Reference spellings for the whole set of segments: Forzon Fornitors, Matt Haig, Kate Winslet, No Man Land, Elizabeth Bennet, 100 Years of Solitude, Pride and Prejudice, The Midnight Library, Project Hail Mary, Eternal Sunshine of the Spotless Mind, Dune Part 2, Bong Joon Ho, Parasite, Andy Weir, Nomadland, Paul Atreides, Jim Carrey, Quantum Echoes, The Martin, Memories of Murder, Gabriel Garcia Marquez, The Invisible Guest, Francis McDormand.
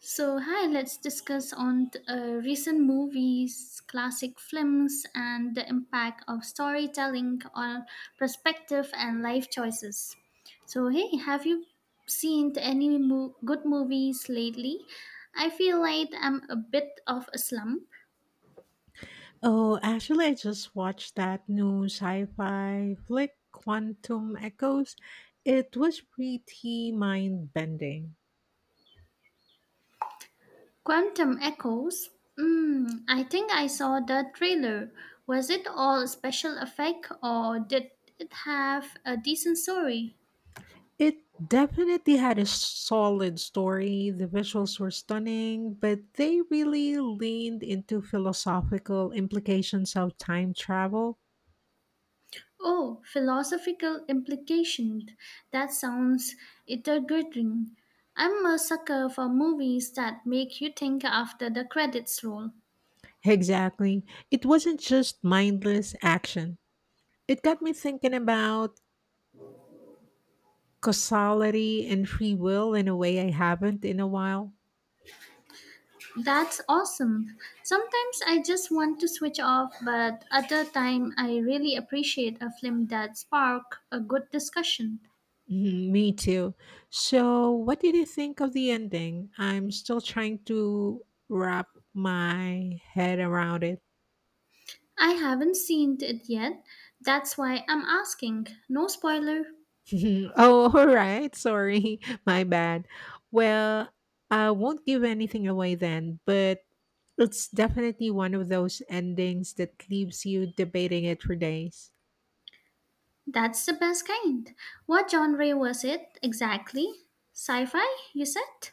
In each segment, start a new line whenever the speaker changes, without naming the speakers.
So, hi, let's discuss on recent movies, classic films, and the impact of storytelling on perspective and life choices. So, hey, have you seen any good movies lately? I feel like I'm a bit of a slump.
Oh, actually, I just watched that new sci-fi flick, Quantum Echoes. It was pretty mind-bending.
Quantum Echoes. Mm, I think I saw the trailer. Was it all special effect or did it have a decent story?
It definitely had a solid story. The visuals were stunning, but they really leaned into philosophical implications of time travel.
Oh, philosophical implication. That sounds intriguing. I'm a sucker for movies that make you think after the credits roll.
Exactly. It wasn't just mindless action. It got me thinking about causality and free will in a way I haven't in a while.
That's awesome. Sometimes I just want to switch off, but other time I really appreciate a film that spark a good discussion.
Mhm, me too. So, what did you think of the ending? I'm still trying to wrap my head around it.
I haven't seen it yet. That's why I'm asking. No spoiler.
Oh, all right. Sorry. My bad. Well, I won't give anything away then, but it's definitely one of those endings that leaves you debating it for days.
That's the best kind. What genre was it exactly? Sci-fi, you said?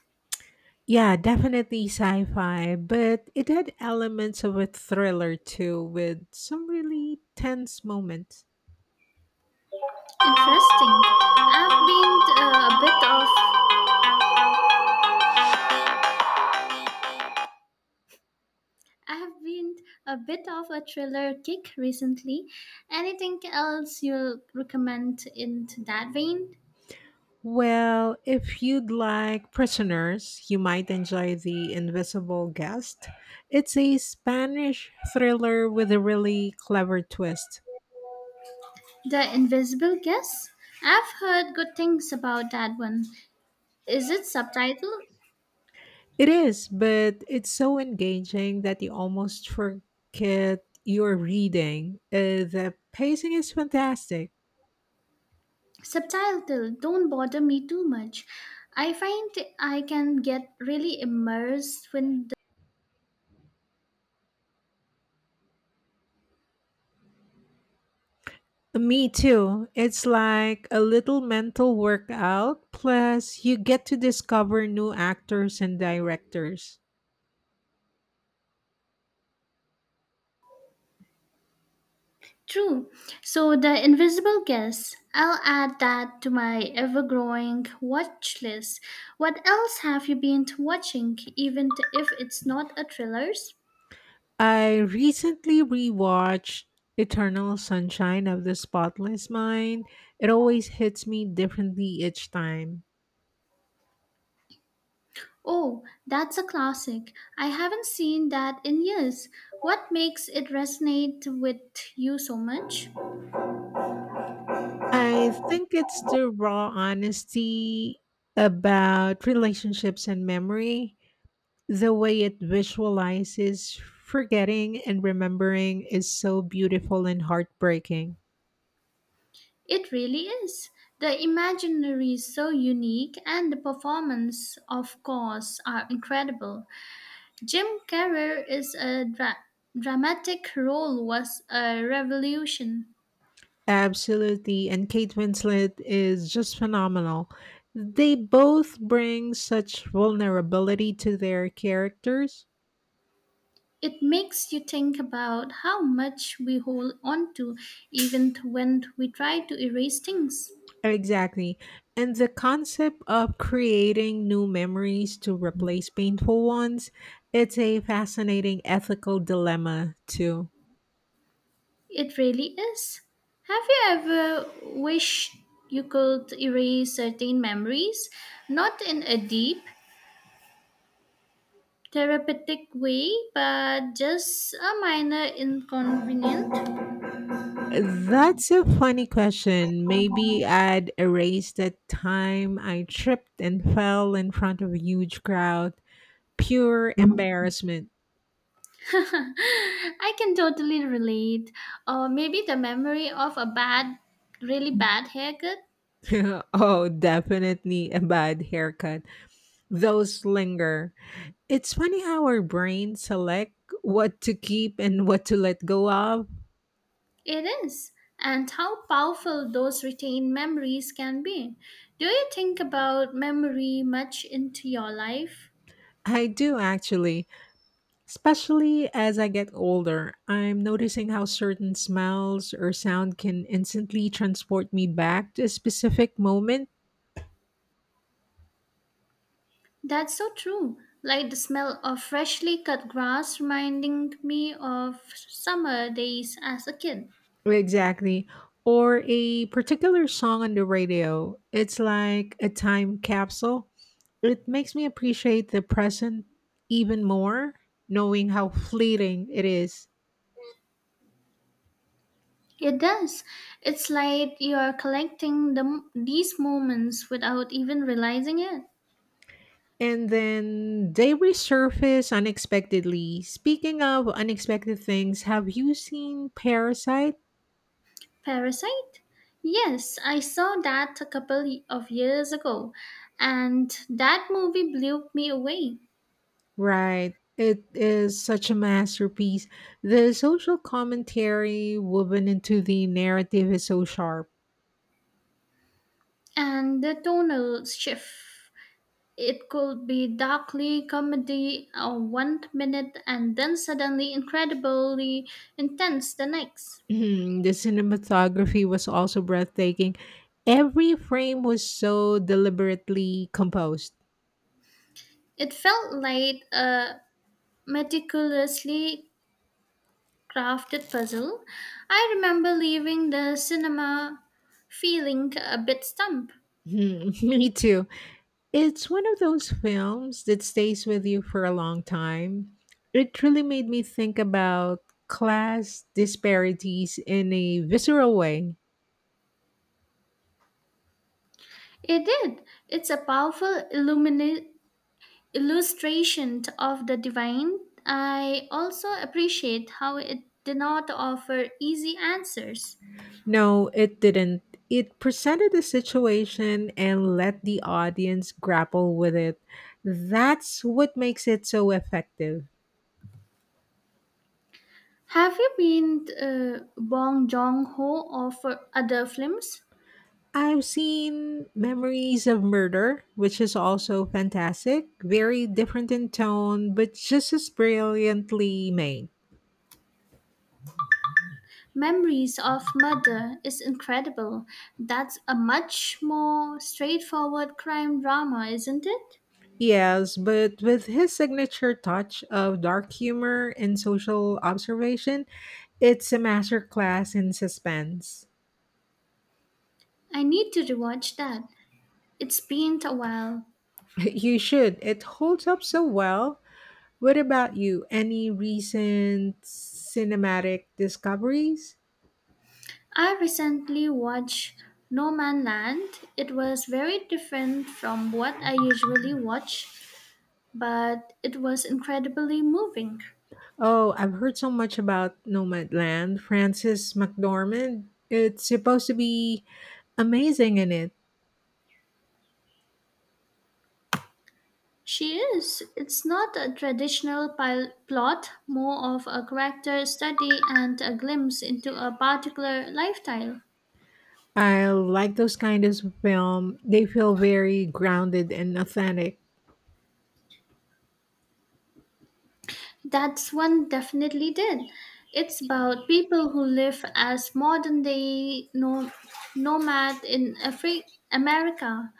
Yeah, definitely sci fi, but it had elements of a thriller too, with some really tense moments.
Interesting. I've been uh, a bit of I have been a bit of a thriller kick recently. Anything else you'll recommend in that vein?
Well, if you'd like prisoners, you might enjoy The Invisible Guest. It's a Spanish thriller with a really clever twist.
The Invisible Guest. I've heard good things about that one. Is it subtitled?
It is, but it's so engaging that you almost forget you're reading. The pacing is fantastic.
Subtitled. Don't bother me too much. I find I can get really immersed when
Me too. It's like a little mental workout, plus, you get to discover new actors and directors.
True. So the invisible guests, I'll add that to my ever-growing watch list. What else have you been watching, even if it's not a thrillers?
I recently rewatched Eternal Sunshine of the Spotless Mind. It always hits me differently each time.
Oh, that's a classic. I haven't seen that in years. What makes it resonate with you so much?
I think it's the raw honesty about relationships and memory. The way it visualizes forgetting and remembering is so beautiful and heartbreaking.
It really is. The imaginary is so unique, and the performance, of course, are incredible. Jim Carrey is a dramatic role was a revolution.
Absolutely. And Kate Winslet is just phenomenal. They both bring such vulnerability to their characters.
It makes you think about how much we hold on to even when we try to erase things.
Exactly. And the concept of creating new memories to replace painful ones, it's a fascinating ethical dilemma, too.
It really is. Have you ever wished you could erase certain memories, not in a deep therapeutic way, but just a minor inconvenience?
That's a funny question. Maybe I'd erase that time I tripped and fell in front of a huge crowd. Pure embarrassment.
I can totally relate. Or maybe the memory of a bad, really bad haircut.
Oh, definitely a bad haircut. Those linger. It's funny how our brain select what to keep and what to let go of.
It is. And how powerful those retained memories can be. Do you think about memory much into your life?
I do actually, especially as I get older. I'm noticing how certain smells or sound can instantly transport me back to a specific moment.
That's so true. Like the smell of freshly cut grass reminding me of summer days as a kid.
Exactly. Or a particular song on the radio. It's like a time capsule. It makes me appreciate the present even more, knowing how fleeting it is.
It does. It's like you are collecting these moments without even realizing it.
And then they resurface unexpectedly. Speaking of unexpected things, have you seen Parasite?
Parasite? Yes, I saw that a couple of years ago, and that movie blew me away.
Right. It is such a masterpiece. The social commentary woven into the narrative is so sharp.
And the tonal shift. It could be darkly comedy one minute and then suddenly incredibly intense the next.
Mhm, the cinematography was also breathtaking. Every frame was so deliberately composed.
It felt like a meticulously crafted puzzle. I remember leaving the cinema feeling a bit stumped.
Mhm. Me too. It's one of those films that stays with you for a long time. It really made me think about class disparities in a visceral way.
It did. It's a powerful illustration of the divine. I also appreciate how it did not offer easy answers.
No, it didn't. It presented the situation and let the audience grapple with it. That's what makes it so effective.
Have you been Bong Joon Ho or for other films?
I've seen Memories of Murder, which is also fantastic, very different in tone, but just as brilliantly made.
Memories of Murder is incredible. That's a much more straightforward crime drama, isn't it?
Yes, but with his signature touch of dark humor and social observation, it's a masterclass in suspense.
I need to rewatch that. It's been a while.
You should. It holds up so well. What about you? Any recent cinematic discoveries?
I recently watched No Man Land. It was very different from what I usually watch, but it was incredibly moving.
Oh, I've heard so much about Nomadland. Francis McDormand. It's supposed to be amazing in it.
She is. It's not a traditional plot, more of a character study and a glimpse into a particular lifestyle.
I like those kind of film. They feel very grounded and authentic.
That's one definitely did. It's about people who live as modern day nomad in America,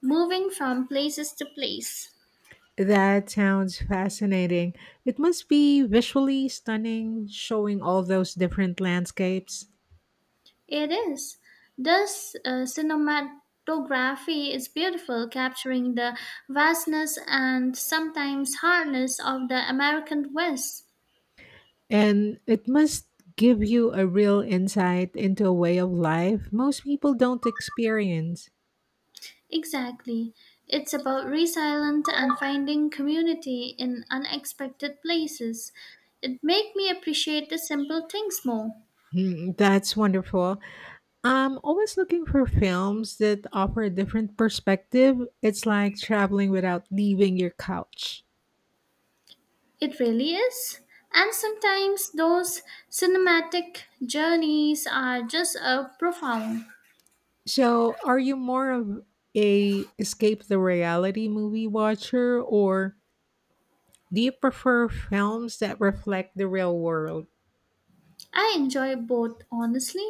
moving from places to place.
That sounds fascinating. It must be visually stunning showing all those different landscapes.
It is. This cinematography is beautiful, capturing the vastness and sometimes hardness of the American West.
And it must give you a real insight into a way of life most people don't experience.
Exactly. It's about resilience and finding community in unexpected places. It made me appreciate the simple things more.
Hmm, that's wonderful. I'm always looking for films that offer a different perspective. It's like traveling without leaving your couch.
It really is. And sometimes those cinematic journeys are just profound.
So, are you more of a escape the reality movie watcher or do you prefer films that reflect the real world?
I enjoy both, honestly.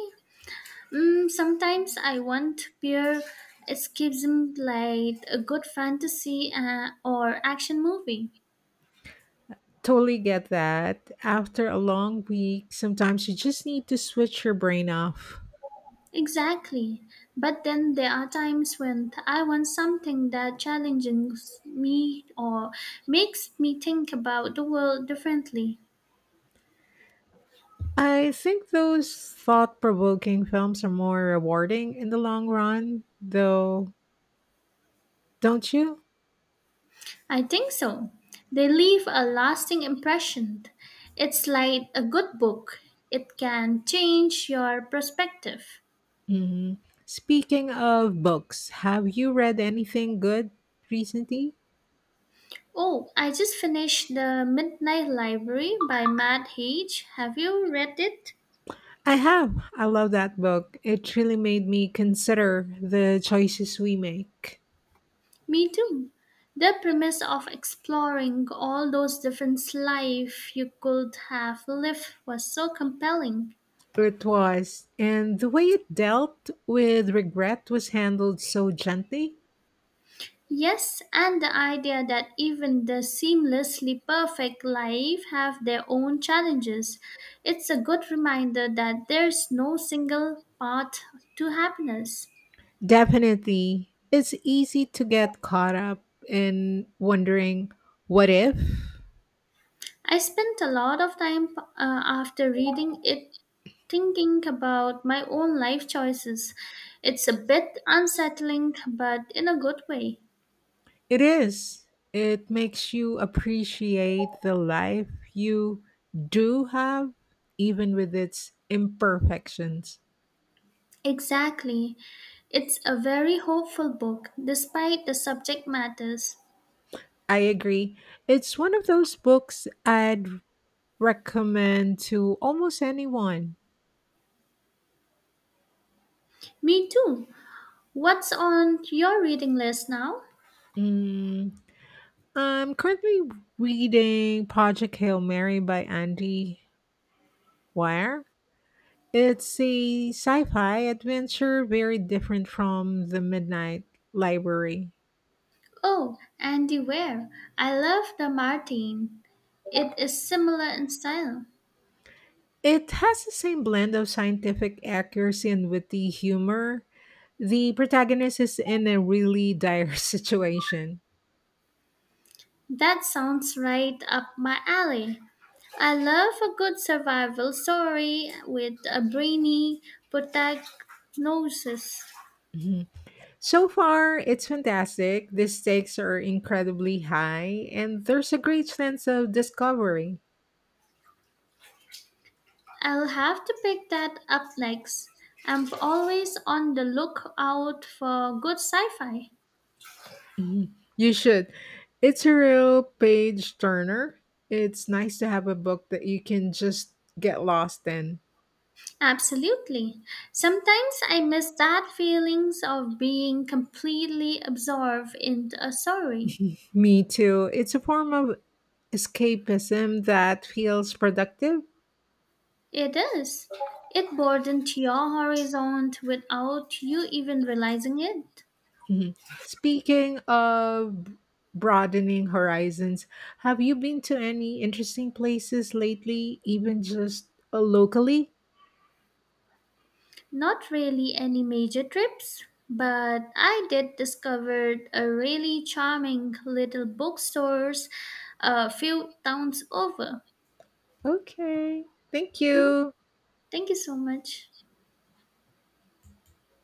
Mm, sometimes I want pure escapism like a good fantasy or action movie.
Totally get that. After a long week, sometimes you just need to switch your brain off.
Exactly. But then there are times when I want something that challenges me or makes me think about the world differently.
I think those thought provoking films are more rewarding in the long run, though, don't you?
I think so. They leave a lasting impression. It's like a good book, it can change your perspective.
Hmm. Speaking of books, have you read anything good recently?
Oh, I just finished The Midnight Library by Matt Haig. Have you read it?
I have. I love that book. It really made me consider the choices we make.
Me too. The premise of exploring all those different life you could have lived was so compelling.
It was, and the way it dealt with regret was handled so gently.
Yes, and the idea that even the seamlessly perfect life have their own challenges. It's a good reminder that there's no single path to happiness.
Definitely, it's easy to get caught up in wondering, what if?
I spent a lot of time after reading it thinking about my own life choices. It's a bit unsettling, but in a good way.
It is. It makes you appreciate the life you do have, even with its imperfections.
Exactly. It's a very hopeful book, despite the subject matters.
I agree. It's one of those books I'd recommend to almost anyone.
Me too. What's on your reading list now?
Mm, I'm currently reading Project Hail Mary by Andy Weir. It's a sci fi adventure very different from The Midnight Library.
Oh, Andy Weir. I love The Martin. It is similar in style.
It has the same blend of scientific accuracy and witty humor. The protagonist is in a really dire situation.
That sounds right up my alley. I love a good survival story with a brainy protagonist.
Mhm. So far, it's fantastic. The stakes are incredibly high, and there's a great sense of discovery.
I'll have to pick that up next. I'm always on the lookout for good sci-fi.
Mhm. You should. It's a real page turner. It's nice to have a book that you can just get lost in.
Absolutely. Sometimes I miss that feelings of being completely absorbed in a story.
Me too. It's a form of escapism that feels productive.
It is. It broadens your horizon without you even realizing it.
Mhm. Speaking of broadening horizons, have you been to any interesting places lately, even just locally?
Not really any major trips, but I did discover a really charming little bookstores a few towns over.
Okay. Thank
Mhm.
you.
Thank you so much.